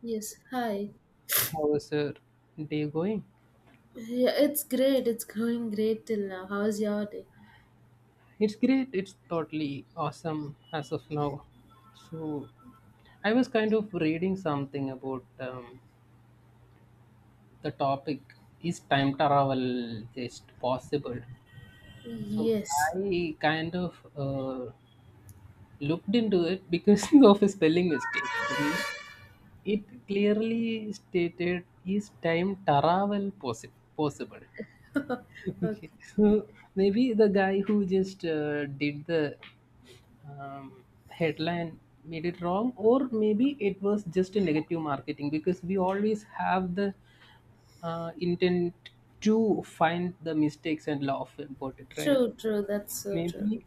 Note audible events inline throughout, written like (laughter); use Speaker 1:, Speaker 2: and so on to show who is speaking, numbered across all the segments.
Speaker 1: Yes, hi.
Speaker 2: How is your day going?
Speaker 1: Yeah, it's great. It's going great till now. How's your day?
Speaker 2: It's great. It's totally awesome as of now. So, I was kind of reading something about, the topic is time travel just possible? So,
Speaker 1: Yes.
Speaker 2: I kind of looked into it because (laughs) of a spelling mistake. Mhm. It clearly stated, is time travel possible? (laughs)
Speaker 1: Okay.
Speaker 2: Okay, so maybe the guy who just did the um, headline made it wrong, or maybe it was just a negative marketing because we always have the intent to find the mistakes and laugh about it, right?
Speaker 1: True, true. That's so true.
Speaker 2: Maybe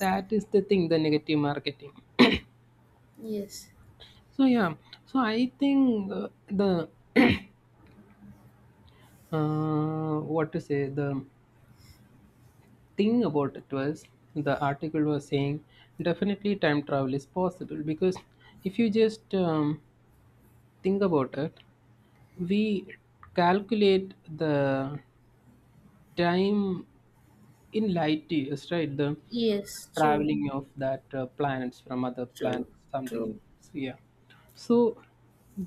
Speaker 2: that is the thing, the negative marketing.
Speaker 1: Yes.
Speaker 2: So yeah, so I think the what to say, the thing about it was the article was saying definitely time travel is possible because if you just think about it, we calculate the time in light years, right? The
Speaker 1: Yes, true,
Speaker 2: traveling of that planets from other
Speaker 1: true,
Speaker 2: planets, something.
Speaker 1: true.
Speaker 2: So yeah. So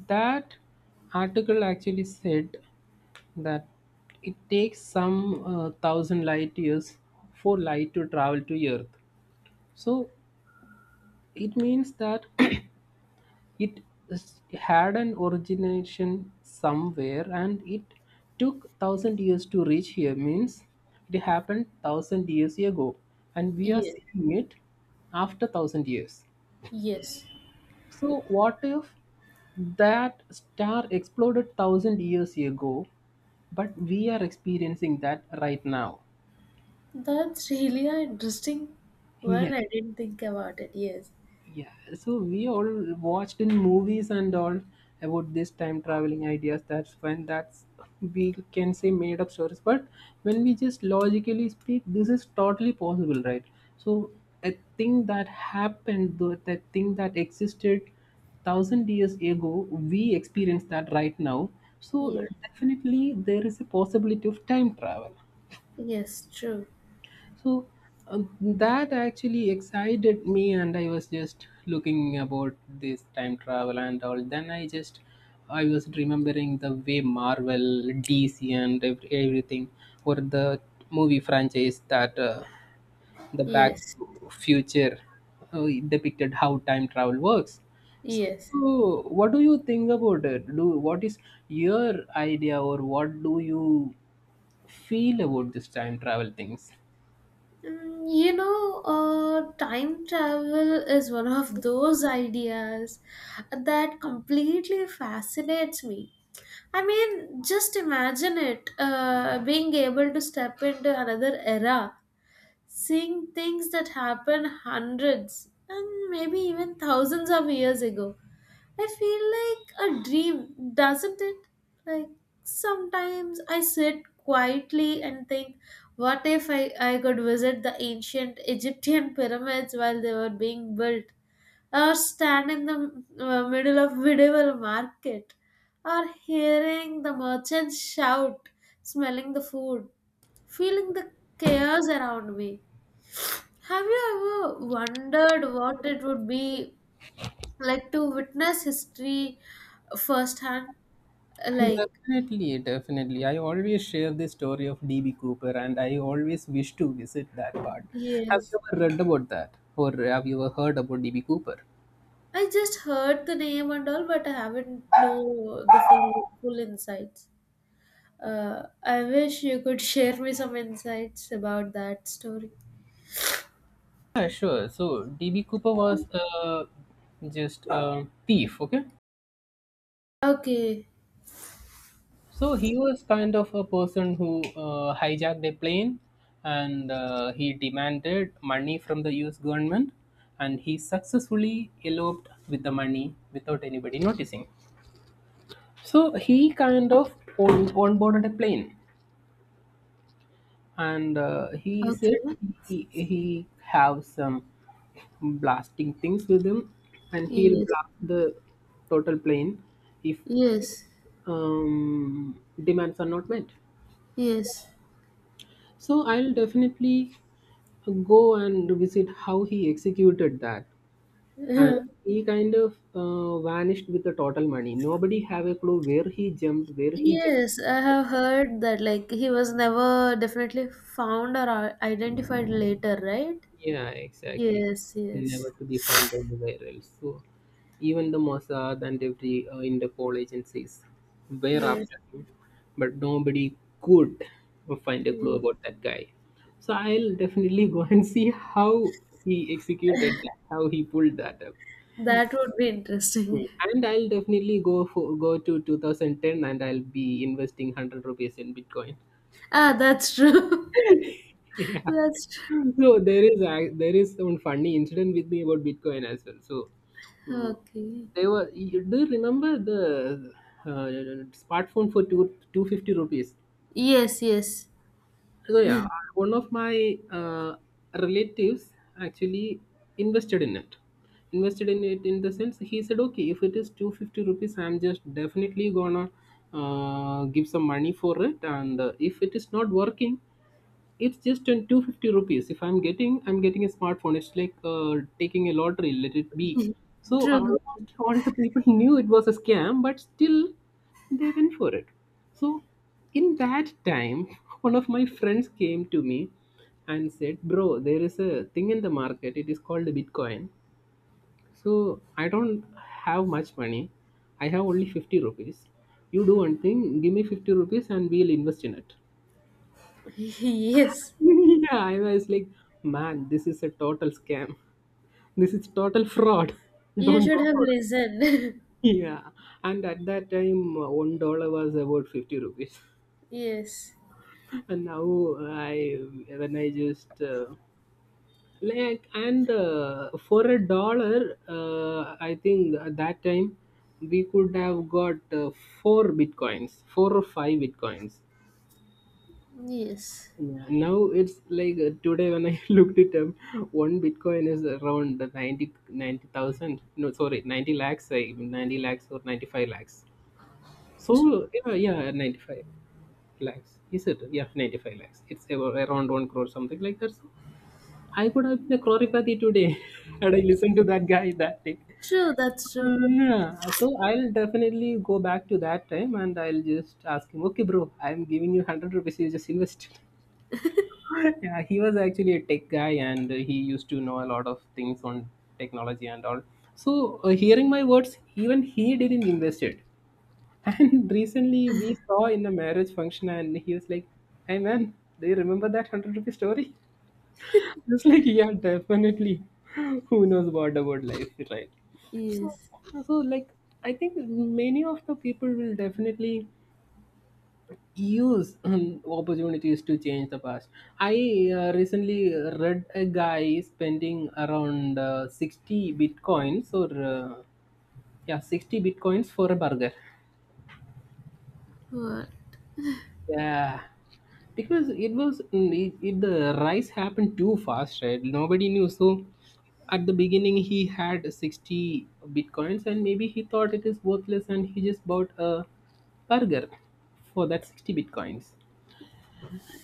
Speaker 2: that article actually said that it takes some 1,000 light years for light to travel to Earth. So it means that (clears throat) it had an origination somewhere, and it took 1,000 years to reach here, means it happened 1,000 years ago, and we are
Speaker 1: Yes.
Speaker 2: seeing it after 1,000 years.
Speaker 1: Yes.
Speaker 2: So what if that star exploded 1,000 years ago, but we are experiencing that right now
Speaker 1: That's really an interesting one.
Speaker 2: here?
Speaker 1: I didn't think about it. Yes.
Speaker 2: Yeah, so we all watched in movies and all about this time traveling ideas. That's, we can say, made up stories. But when we just logically speak, this is totally possible, right? So a thing that happened, though, that thing that existed 1,000 years ago, we experience that right now. So
Speaker 1: Yes.
Speaker 2: definitely there is a possibility of time travel.
Speaker 1: Yes, true.
Speaker 2: So that actually excited me, and I was just looking about this time travel and all. Then I was remembering the way Marvel, DC, and everything, or the movie franchise that the Back
Speaker 1: Yes.
Speaker 2: to Future depicted how time travel works.
Speaker 1: Yes.
Speaker 2: So, what do you think about it? Do What is your idea, or what do you feel about this time travel things?
Speaker 1: Time travel is one of those ideas that completely fascinates me. I mean, just imagine it being able to step into another era, seeing things that happened hundreds and maybe even thousands of years ago. I feel like a dream, doesn't it? Like sometimes I sit quietly and think, what if I could visit the ancient Egyptian pyramids while they were being built, or stand in the middle of medieval market, or hearing the merchants shout, smelling the food, feeling the chaos around me. Have you ever wondered what it would be like to witness history firsthand, like,
Speaker 2: Definitely, definitely. I always share the story of D.B. Cooper and I always wish to visit that part. Have
Speaker 1: yes,
Speaker 2: you ever read about that or have you ever heard about D.B. Cooper?
Speaker 1: I just heard the name and all, but I haven't know the full full insights. I wish you could (laughs) share me some insights about that story.
Speaker 2: Yeah, sure. So D.B. Cooper was just a thief, okay?
Speaker 1: Okay.
Speaker 2: So he was kind of a person who hijacked a plane, and he demanded money from the US government, and he successfully eloped with the money without anybody noticing. So he kind of on boarded a plane, and he said
Speaker 1: Okay.
Speaker 2: he have some blasting things with him, and he'll
Speaker 1: Yes,
Speaker 2: blast the total plane if
Speaker 1: yes,
Speaker 2: demands are not met.
Speaker 1: yes.
Speaker 2: So I'll definitely go and visit how he executed that, and he kind of vanished with the total money. Nobody have a clue where he jumped, where he jumped.
Speaker 1: Yes, I have heard that, like he was never definitely found or identified later, right?
Speaker 2: Yeah, exactly.
Speaker 1: Yes, yes,
Speaker 2: Never to be found anywhere else. So even the Mossad and every Interpol agencies were
Speaker 1: yes,
Speaker 2: after him, but nobody could find a clue
Speaker 1: yes.
Speaker 2: about that guy. So I'll definitely go and see how he executed that, how he pulled that up.
Speaker 1: That would be
Speaker 2: Hmm.
Speaker 1: interesting. (laughs)
Speaker 2: And I'll definitely go to 2010 and I'll be investing 100 rupees in Bitcoin. (laughs)
Speaker 1: Ah, that's true. (laughs)
Speaker 2: Yeah.
Speaker 1: That's true.
Speaker 2: So there is some funny incident with me about Bitcoin as well. So mm,
Speaker 1: Okay.
Speaker 2: they were. Do you remember the uh, smartphone for two two fifty rupees?
Speaker 1: Yes, yes.
Speaker 2: So yeah, one of my uh, relatives actually invested in it. Invested in it in the sense, he said, okay, if it is 250 rupees, I'm just definitely gonna give some money for it, and if it is not working, it's just in 250 rupees, if I'm getting a smartphone, it's like taking a lottery, let it be. So
Speaker 1: True, true.
Speaker 2: almost all the people (laughs) knew it was a scam, but still they went for it. So in that time (laughs) one of my friends came to me and said, bro, there is a thing in the market, it is called bitcoin. So I don't have much money, I have only 50 rupees. You do one thing, give me 50 rupees, and we'll invest in it.
Speaker 1: (laughs) Yes.
Speaker 2: (laughs) Yeah, I was like, man, this is a total scam. This is total fraud. (laughs)
Speaker 1: You
Speaker 2: Don't
Speaker 1: should
Speaker 2: go
Speaker 1: have
Speaker 2: for it.
Speaker 1: listened.
Speaker 2: Yeah. And at that time, $1 was about 50 rupees.
Speaker 1: (laughs) Yes.
Speaker 2: (laughs) And now I, when I just, like, and for a dollar, I think at that time we could have got four bitcoins, four or five bitcoins.
Speaker 1: Yes.
Speaker 2: Yeah, now it's like today when I (laughs) looked it up, one Bitcoin is around the 90 90,000. No, sorry, 90 lakhs, I 90 lakhs or 95 lakhs.
Speaker 1: True.
Speaker 2: So, yeah, yeah, 95 lakhs. Is it? Yeah, 95 lakhs. It's about around 1 crore, something like that. So, I could have been a crorepati today (laughs) had I listened to that guy that day.
Speaker 1: True, that's true.
Speaker 2: Yeah, so I'll definitely go back to that time and I'll just ask him, okay, bro, I'm giving you 100 rupees, you just invest. (laughs) Yeah, he was actually a tech guy and he used to know a lot of things on technology and all. So, hearing my words, even he didn't invest it. (laughs) And recently we saw in a marriage function, and he was like, Hey man, do you remember that 100 rupee story? (laughs) I like, yeah, definitely. (laughs) Who knows what about life, right?
Speaker 1: Yes.
Speaker 2: So, like, I think many of the people will definitely use opportunities to change the past. I recently read a guy spending around 60 bitcoins or uh, yeah 60 bitcoins for a burger.
Speaker 1: What?
Speaker 2: Yeah, because it was the rise happened too fast, right? Nobody knew. So at the beginning he had 60 bitcoins and maybe he thought it is worthless and he just bought a burger for that 60 bitcoins.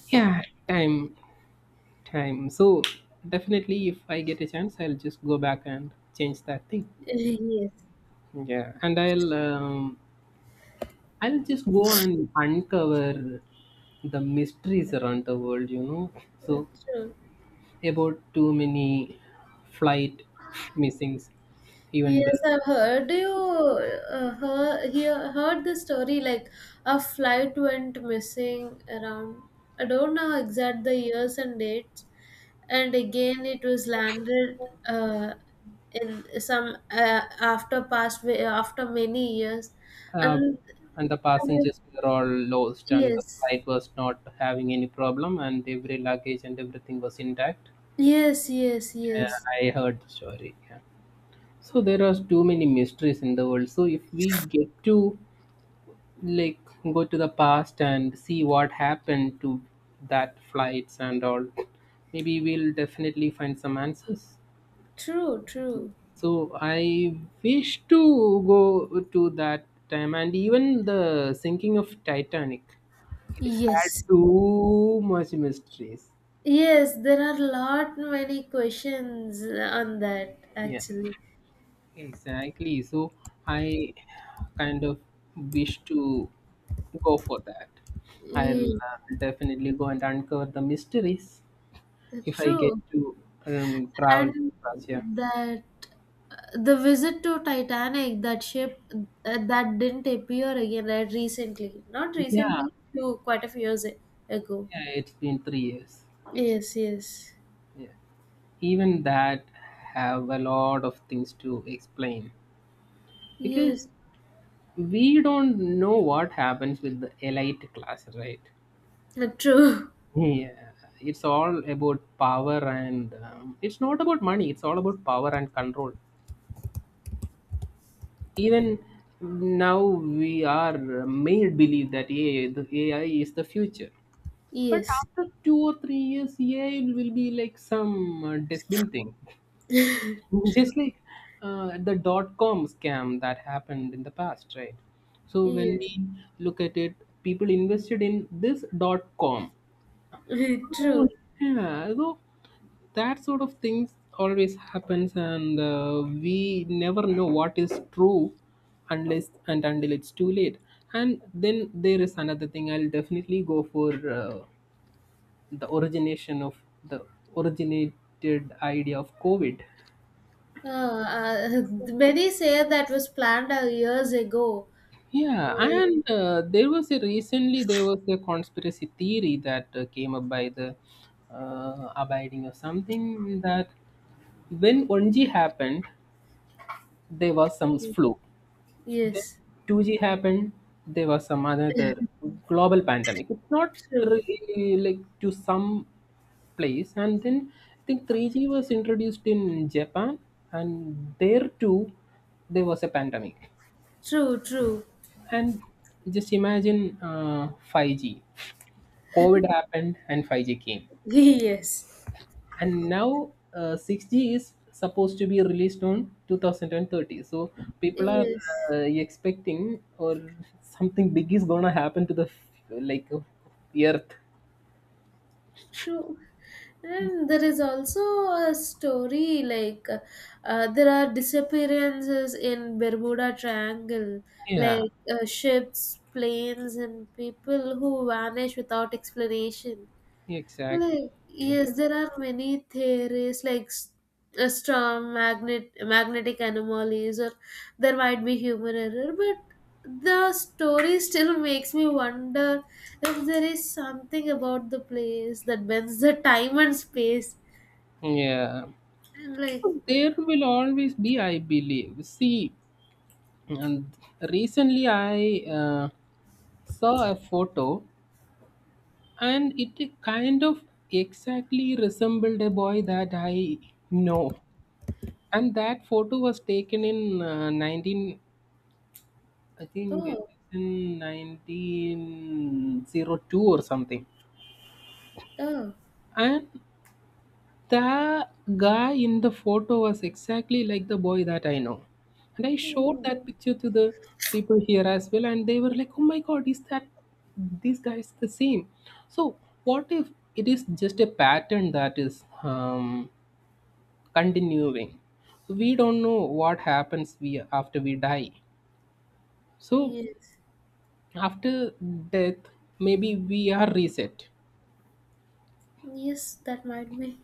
Speaker 2: Yeah, time. time. So definitely, if I get a chance, I'll just go back and change that thing.
Speaker 1: (laughs) Yes.
Speaker 2: Yeah, and I'll just go and uncover the mysteries around the world. You know, so
Speaker 1: That's true.
Speaker 2: about too many flight missings, even the
Speaker 1: Yes, I've heard. Do you heard the story like a flight went missing around, I don't know exact the years and dates, and again it was landed uh, in some after past, way after many years.
Speaker 2: uh,
Speaker 1: And
Speaker 2: and the
Speaker 1: have you,
Speaker 2: passengers were all lost, and the
Speaker 1: yes,
Speaker 2: flight was not having any problem, and every luggage and everything was intact.
Speaker 1: yes, yes,
Speaker 2: Yeah,
Speaker 1: yes.
Speaker 2: I heard the story. Yeah. So there are too many mysteries in the world. So if we get to, like, go to the past and see what happened to that flights and all, maybe we'll definitely find some answers.
Speaker 1: True, true.
Speaker 2: So I wish to go to that time and even the sinking of Titanic. It had
Speaker 1: Yes.
Speaker 2: too much mysteries.
Speaker 1: Yes, there are lot many questions on that
Speaker 2: Yeah.
Speaker 1: actually.
Speaker 2: Exactly. So I kind of wish to go for that. I'll
Speaker 1: Yeah,
Speaker 2: definitely go and uncover the mysteries
Speaker 1: that's
Speaker 2: if I get
Speaker 1: true.
Speaker 2: to travel to
Speaker 1: And
Speaker 2: Russia.
Speaker 1: that the visit to Titanic, that ship that didn't appear again, right, recently. Not
Speaker 2: Yeah,
Speaker 1: recently, few, quite a few years ago.
Speaker 2: yeah, it's been 3 years.
Speaker 1: Yes, yes,
Speaker 2: Yeah. Even that have a lot of things to explain because
Speaker 1: yes.
Speaker 2: we don't know what happens with the elite class, right?
Speaker 1: True. (laughs)
Speaker 2: Yeah, it's all about power and it's not about money, it's all about power and control. Even now, we are made believe that AI, the AI is the future. But
Speaker 1: Yes,
Speaker 2: after 2 or 3 years, AI will be like some dustbin thing. (laughs) Just like the .com scam that happened in the past, right? So when
Speaker 1: yes.
Speaker 2: we look at it, people invested in this .com.
Speaker 1: (laughs)
Speaker 2: So,
Speaker 1: True.
Speaker 2: yeah, so that sort of things always happens, and we never know what is true unless and until it's too late. And then there is another thing I'll definitely go for: uh, the origination of the originated idea of covid.
Speaker 1: Uh, uh, many say that was planned years ago.
Speaker 2: Yeah,
Speaker 1: Uh,
Speaker 2: and there was a recently there was a conspiracy theory that came up by the abiding or something, that when 1G happened there was some flu. Then
Speaker 1: yes.
Speaker 2: 2G happened, there was some another global pandemic. It's not
Speaker 1: True.
Speaker 2: really like to some place. And then I think 3G was introduced in Japan, and there too, there was a pandemic.
Speaker 1: True. True.
Speaker 2: And just imagine 5G. COVID happened and 5G came.
Speaker 1: (laughs) Yes.
Speaker 2: And now 6G is supposed to be released on 2030. So people are
Speaker 1: Yes.
Speaker 2: expecting, or (laughs) something big is gonna happen to the like Earth.
Speaker 1: True. And there is also a story like, there are disappearances in Bermuda Triangle,
Speaker 2: Yeah,
Speaker 1: like ships, planes, and people who vanish without explanation.
Speaker 2: exactly.
Speaker 1: Like,
Speaker 2: It-
Speaker 1: yes, there are many theories like strong magnet magnetic anomalies, or there might be human error, but the story still makes me wonder if there is something about the place that bends the time and space.
Speaker 2: Yeah.
Speaker 1: And like,
Speaker 2: So there will always be, I believe. See, and recently I saw a photo and it kind of exactly resembled a boy that I know. And that photo was taken in 19, I think it
Speaker 1: oh,
Speaker 2: is in 1902 or something.
Speaker 1: oh,
Speaker 2: And the guy in the photo was exactly like the boy that I know. And I showed
Speaker 1: oh,
Speaker 2: that picture to the people here as well, and they were like, oh my god, is that these guys the same? So, what if it is just a pattern that is continuing? We don't know what happens after we die. So
Speaker 1: yes,
Speaker 2: after death maybe we are reset.
Speaker 1: yes, that might be.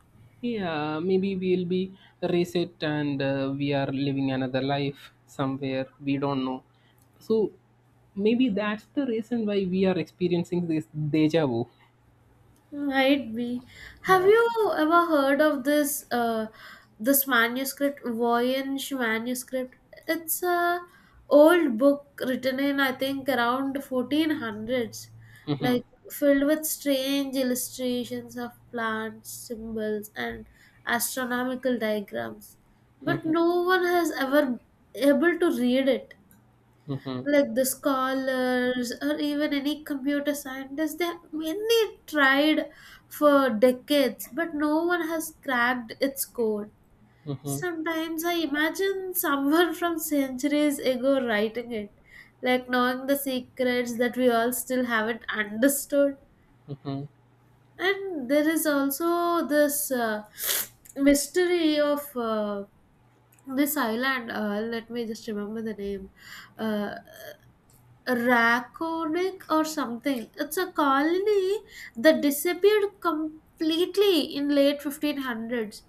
Speaker 2: Yeah, maybe we'll be reset and we are living another life somewhere we don't know. So maybe that's the reason why we are experiencing this deja vu.
Speaker 1: Might be. Have
Speaker 2: Yeah.
Speaker 1: you ever heard of this manuscript, Voynich manuscript? It's a old book written in, I think, around 1400s,
Speaker 2: Mhm,
Speaker 1: like filled with strange illustrations of plants, symbols, and astronomical diagrams. But
Speaker 2: mhm,
Speaker 1: no one has ever able to read it,
Speaker 2: mhm,
Speaker 1: like the scholars or even any computer scientists, they many tried for decades, but no one has cracked its code.
Speaker 2: mhm,
Speaker 1: Sometimes I imagine someone from centuries ago writing it, like knowing the secrets that we all still haven't understood.
Speaker 2: mhm,
Speaker 1: And there is also this mystery of this island. Let me just remember the name. uh, Raconic or something. It's a colony that disappeared completely in late 1500s,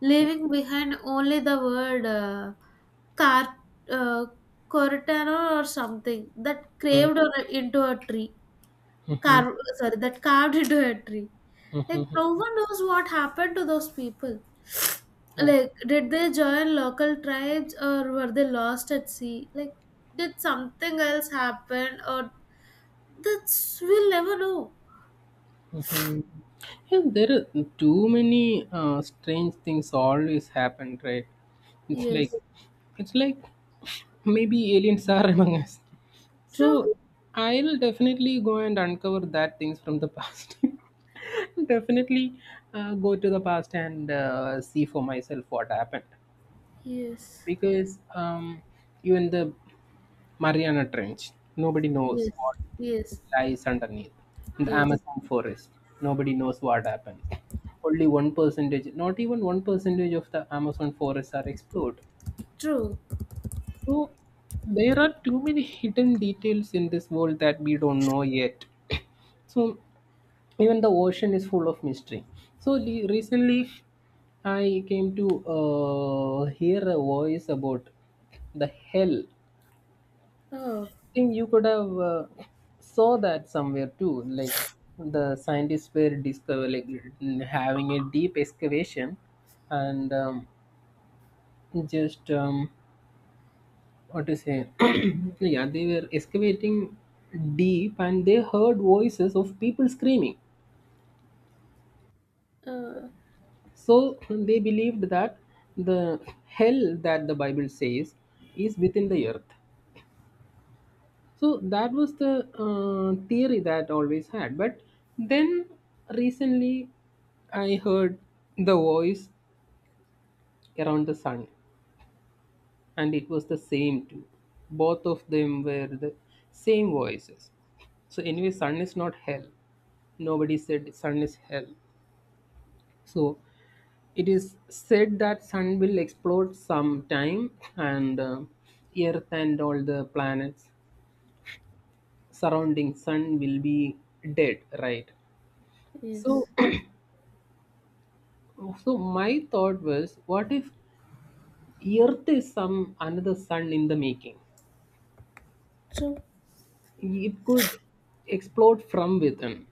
Speaker 1: leaving behind only the word car- uh, Cortana or something that
Speaker 2: mhm,
Speaker 1: craved on into a tree.
Speaker 2: mhm,
Speaker 1: Sorry, that carved into a tree. Like
Speaker 2: mhm,
Speaker 1: no one knows what happened to those people. Like, did they join local tribes or were they lost at sea? Like, did something else happen, or that's we'll never know.
Speaker 2: mhm. And there are too many strange things always happen, right? It's like
Speaker 1: Yes.
Speaker 2: it's like maybe aliens are (laughs) among us.
Speaker 1: True.
Speaker 2: So I'll definitely go and uncover that things from the past. (laughs) Definitely go to the past and see for myself what happened,
Speaker 1: Yes.
Speaker 2: because even the Mariana Trench, nobody knows
Speaker 1: Yes.
Speaker 2: what
Speaker 1: Yes.
Speaker 2: lies underneath. In the
Speaker 1: Yes.
Speaker 2: Amazon forest, nobody knows what happens. Only one percentage, not even one percentage of the Amazon forests are explored.
Speaker 1: True.
Speaker 2: So there are too many hidden details in this world that we don't know yet. So even the ocean is full of mystery. So recently, I came to hear a voice about the hell.
Speaker 1: Oh.
Speaker 2: Think you could have saw that somewhere too, like the scientists were discover, like having a deep excavation and just what to say, (clears throat) yeah they were excavating deep and they heard voices of people screaming.
Speaker 1: Uh.
Speaker 2: So they believed that the hell that the bible says is within the earth. So that was the theory that I always had. But then recently I heard the voice around the sun, and it was the same too. Both of them were the same voices. So anyway, sun is not hell. Nobody said sun is hell. So it is said that sun will explode sometime, and earth and all the planets surrounding sun will be dead, right? So
Speaker 1: Yes.
Speaker 2: (clears throat) so my thought was, what if Earth is some another sun in the making?
Speaker 1: True.
Speaker 2: It could explode from within,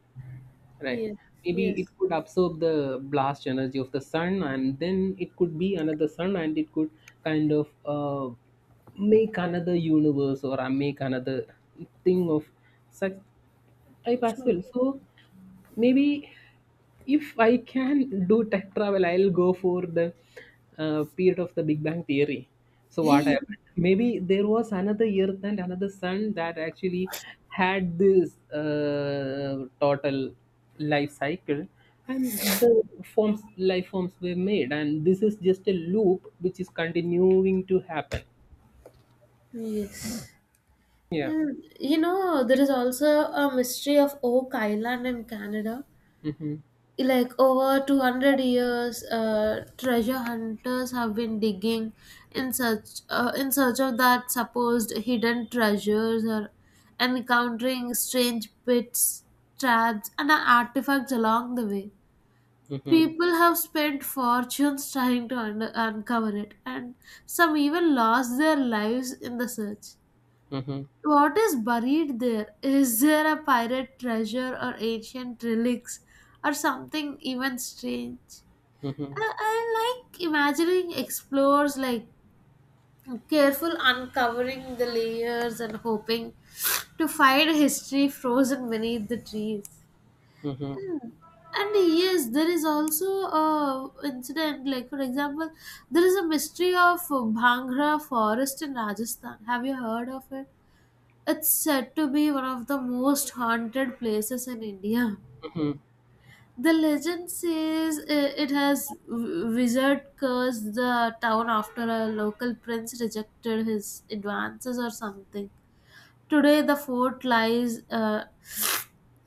Speaker 2: right?
Speaker 1: Yes.
Speaker 2: Maybe it
Speaker 1: Yes.
Speaker 2: could absorb the blast energy of the sun, and then it could be another sun, and it could kind of make another universe or make another thing of such type as
Speaker 1: True.
Speaker 2: well. So maybe if I can do tech travel, I'll go for the period of the Big Bang Theory. So what
Speaker 1: Hey.
Speaker 2: happened? Maybe there was another Earth and another Sun that actually had this total life cycle, and the forms life forms were made, and this is just a loop which is continuing to happen.
Speaker 1: Yes.
Speaker 2: Yeah.
Speaker 1: And you know, there is also a mystery of Oak Island in Canada,
Speaker 2: Mm-hmm.
Speaker 1: like over 200 years treasure hunters have been digging in search, in search of that supposed hidden treasures or encountering strange pits, traps and artifacts along the way.
Speaker 2: Mm-hmm.
Speaker 1: People have spent fortunes trying to uncover it, and some even lost their lives in the search.
Speaker 2: Mm-hmm.
Speaker 1: What is buried there? Is there a pirate treasure or ancient relics or something even strange?
Speaker 2: Mm-hmm.
Speaker 1: I like imagining explorers like careful uncovering the layers and hoping to find history frozen beneath the trees.
Speaker 2: Mm-hmm.
Speaker 1: And yes, there is also a incident, like for example, there is a mystery of Bhangra forest in Rajasthan. Have you heard of it? It's said to be one of the most haunted places in India.
Speaker 2: Mm-hmm.
Speaker 1: The legend says it has wizard cursed the town after a local prince rejected his advances or something. Today the fort lies, uh,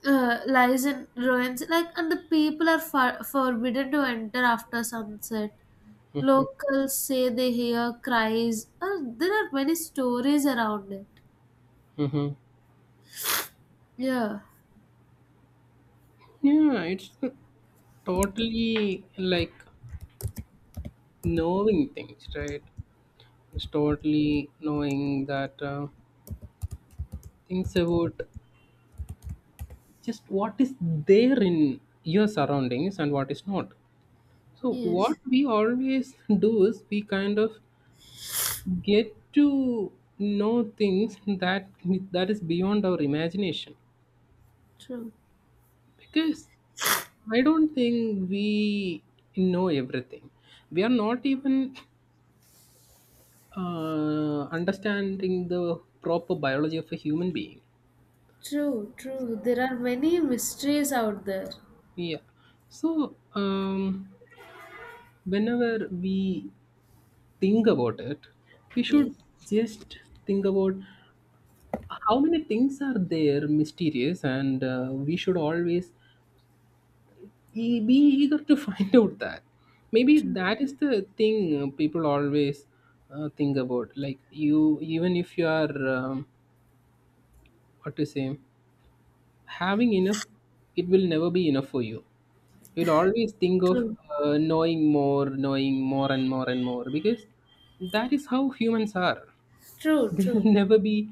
Speaker 1: uh, lies in ruins, like, and the people are forbidden to enter after sunset. Locals say they hear cries. There are many stories around it.
Speaker 2: Mm-hmm.
Speaker 1: Yeah.
Speaker 2: Yeah, it's totally like knowing things, right? It's totally knowing that things about just what is there in your surroundings and what is not. So what
Speaker 1: Yes.
Speaker 2: we always (laughs) do is we kind of get to know things that is beyond our imagination,
Speaker 1: True.
Speaker 2: because I don't think we know everything. We are not even understanding the proper biology of a human being.
Speaker 1: True, true. There are many mysteries out there.
Speaker 2: Yeah. So, whenever we think about it, we
Speaker 1: Yes,
Speaker 2: should just think about how many things are there mysterious, and we should always be eager to (laughs) find out that. Maybe
Speaker 1: true,
Speaker 2: that is the thing people always think about. Like, you, even if you are, what to say, having enough, it will never be enough for you. We'll always think of
Speaker 1: true,
Speaker 2: knowing more and more and more, because that is how humans are.
Speaker 1: true,
Speaker 2: They'll (laughs)
Speaker 1: true.
Speaker 2: never be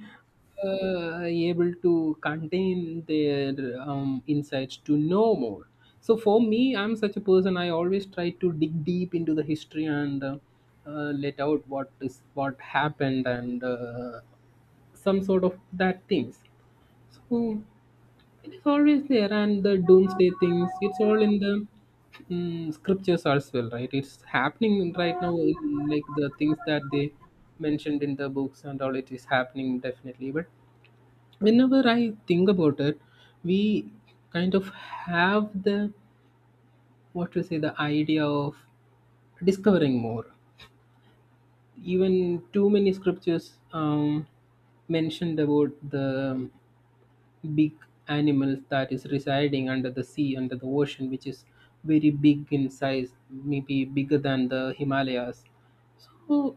Speaker 2: able to contain their insights to know more. So for me, I'm such a person. I always try to dig deep into the history and let out what is what happened, and some sort of that things. So it is always there, and the doomsday things. It's all in the scriptures as well, right? It's happening right now, in, like the things that they mentioned in the books and all. It is happening definitely. But whenever I think about it, we kind of have the what to say the idea of discovering more. Even too many scriptures mentioned about the big animals that is residing under the sea, under the ocean, which is very big in size, maybe bigger than the Himalayas. So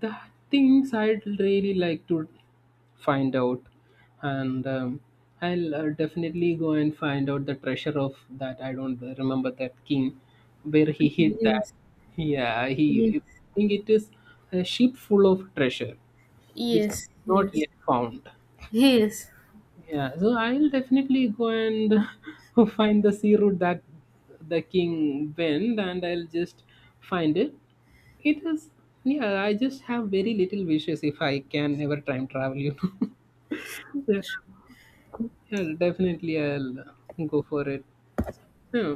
Speaker 2: the things I'd really like to find out, and I'll definitely go and find out the treasure of that. I don't remember that king where he hid that.
Speaker 1: Yes,
Speaker 2: Yeah,
Speaker 1: yes,
Speaker 2: he I think it is a ship full of treasure, which is
Speaker 1: yes,
Speaker 2: not
Speaker 1: yes,
Speaker 2: yet found. Yeah, so I'll definitely go and (laughs) find the sea route that the king went, and I'll just find it. It is, yeah, I just have very little wishes if I can ever time travel, you know. (laughs) Yeah, yeah, definitely I'll go for it. Yeah.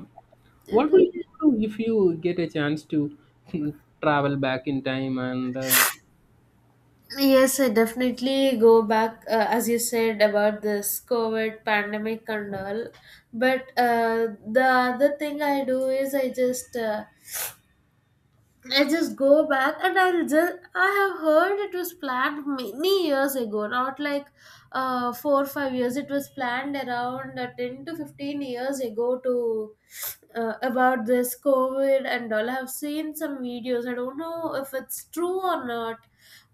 Speaker 2: What will you
Speaker 1: yes.
Speaker 2: do if you get a chance to (laughs) travel back in time
Speaker 1: Yes, I definitely go back, as you said about this COVID pandemic and all. But the other thing I do is, I just go back, and I'll just, I have heard it was planned many years ago, not like 4 or 5 years. It was planned around 10 to 15 years ago, to about this COVID and all. I have seen some videos. I don't know if it's true or not,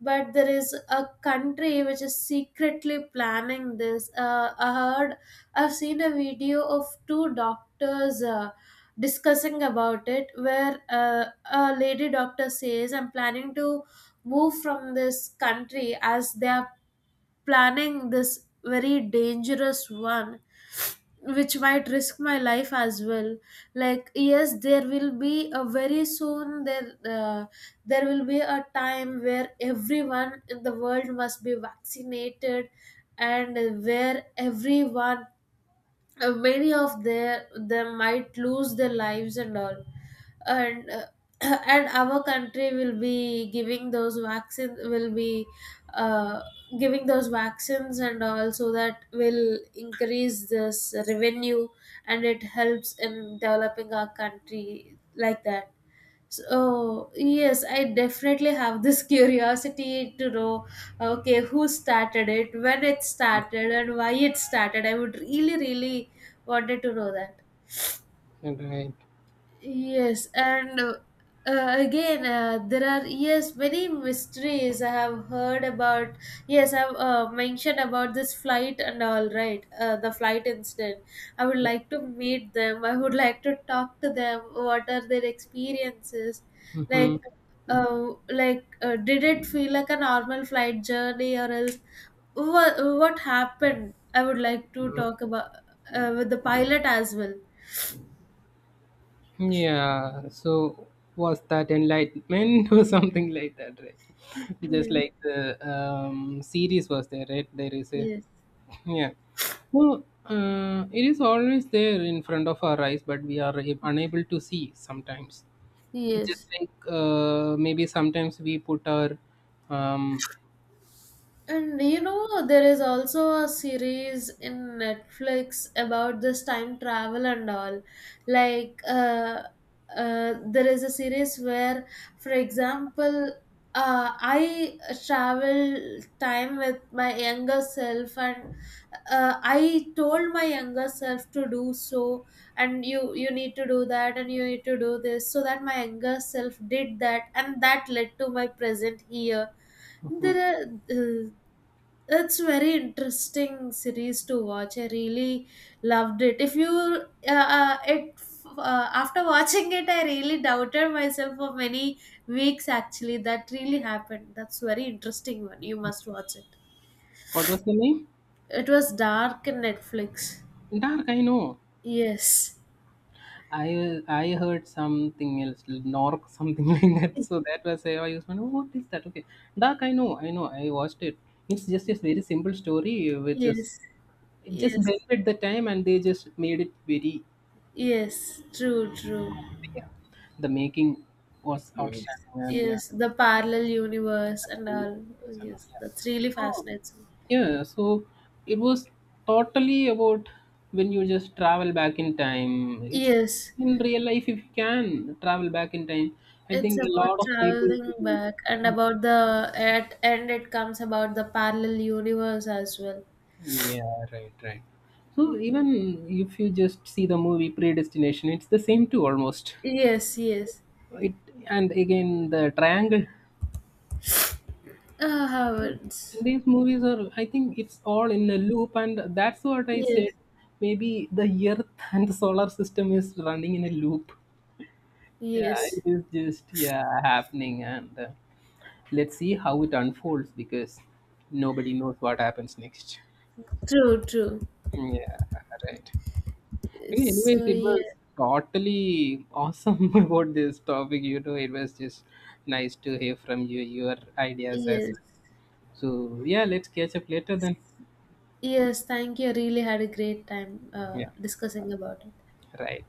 Speaker 1: but there is a country which is secretly planning this. I heard, I've seen a video of two doctors. Discussing about it, where a lady doctor says, I'm planning to move from this country as they are planning this very dangerous one, which might risk my life as well. Like, yes, there will be a very soon there, there will be a time where everyone in the world must be vaccinated, and where everyone, many of their them might lose their lives and all. And (clears throat) and our country will be giving those vaccines, will be uh, giving those vaccines, and also that will increase this revenue, and it helps in developing our country, like that. So yes, I definitely have this (laughs) curiosity to know, okay, who started it, when it started, and why it started. I would really really wanted to know that.
Speaker 2: and right?
Speaker 1: Yes, and again, there are, yes, many mysteries I have heard about. Yes, I've mentioned about this flight and all, right, the flight incident. I would like to meet them. I would (laughs) like to talk to them. What are their experiences?
Speaker 2: Hmm.
Speaker 1: Like, like did it feel like a normal flight journey, or else what happened? I would like to talk about, with the pilot as well.
Speaker 2: Yeah, so was that enlightenment (laughs) or something like that, right? Just
Speaker 1: Yes,
Speaker 2: like the series was there, right? There is a
Speaker 1: yes.
Speaker 2: yeah. Well, it is always there in front of our eyes, but we are unable to see sometimes. It's just
Speaker 1: Yes.
Speaker 2: like maybe sometimes we put our um,
Speaker 1: And you know, there is also a series in Netflix about this time travel and all. Like, there is a series where, for example, I travel time with my younger self, and I told my younger self to do so, and you need to do that, and you need to do this, so that my younger self did that, and that led to my present here.
Speaker 2: mhm.
Speaker 1: There are, uh, it's very interesting series to watch. I really loved it. If you, it after (laughs) watching it, I really doubted myself for many weeks. Actually, that really happened. That's very interesting one. You must watch it.
Speaker 2: What was the name?
Speaker 1: It was Dark in Netflix.
Speaker 2: Dark. I know.
Speaker 1: Yes,
Speaker 2: I heard something else, Nork, something (laughs) like that. So that was how I used to know what is that? Okay, Dark. I know. I know. I watched it. It's just a very simple story, which is
Speaker 1: yes,
Speaker 2: it just
Speaker 1: yes,
Speaker 2: blended the time, and they just made it very
Speaker 1: yes. True, true.
Speaker 2: cool, yeah. The making was
Speaker 1: Yes,
Speaker 2: outstanding, and yeah,
Speaker 1: yes. The parallel universe and all.
Speaker 2: and all,
Speaker 1: Yes,
Speaker 2: yeah.
Speaker 1: that's really
Speaker 2: So
Speaker 1: fascinating.
Speaker 2: yeah, so it was totally about when you just travel back in time. It's
Speaker 1: Yes,
Speaker 2: in real life if you can travel back in time. I
Speaker 1: it's
Speaker 2: think a lot
Speaker 1: about
Speaker 2: of people
Speaker 1: traveling
Speaker 2: will-
Speaker 1: back and about the at and it comes about the parallel universe as well.
Speaker 2: yeah, right, right. So even if you just see the movie Predestination, it's the same too almost.
Speaker 1: Yes, yes.
Speaker 2: It and again the triangle.
Speaker 1: Howard's.
Speaker 2: These movies are, I think, it's all in a loop, and that's what I said,
Speaker 1: Yes,
Speaker 2: maybe the earth (laughs) and the solar system is running in a loop. Yeah, it
Speaker 1: yes.
Speaker 2: is just yeah happening, and let's see how it unfolds, because nobody knows what happens next.
Speaker 1: True, true.
Speaker 2: Mm, yeah, right. Okay, anyways
Speaker 1: So
Speaker 2: it
Speaker 1: yeah,
Speaker 2: was totally awesome (laughs) about this topic, you know, it was just nice to hear from you, your ideas as
Speaker 1: yes,
Speaker 2: well. So yeah, let's catch up later then.
Speaker 1: yes. Thank you. I really had a great time
Speaker 2: Yeah,
Speaker 1: discussing about it.
Speaker 2: right.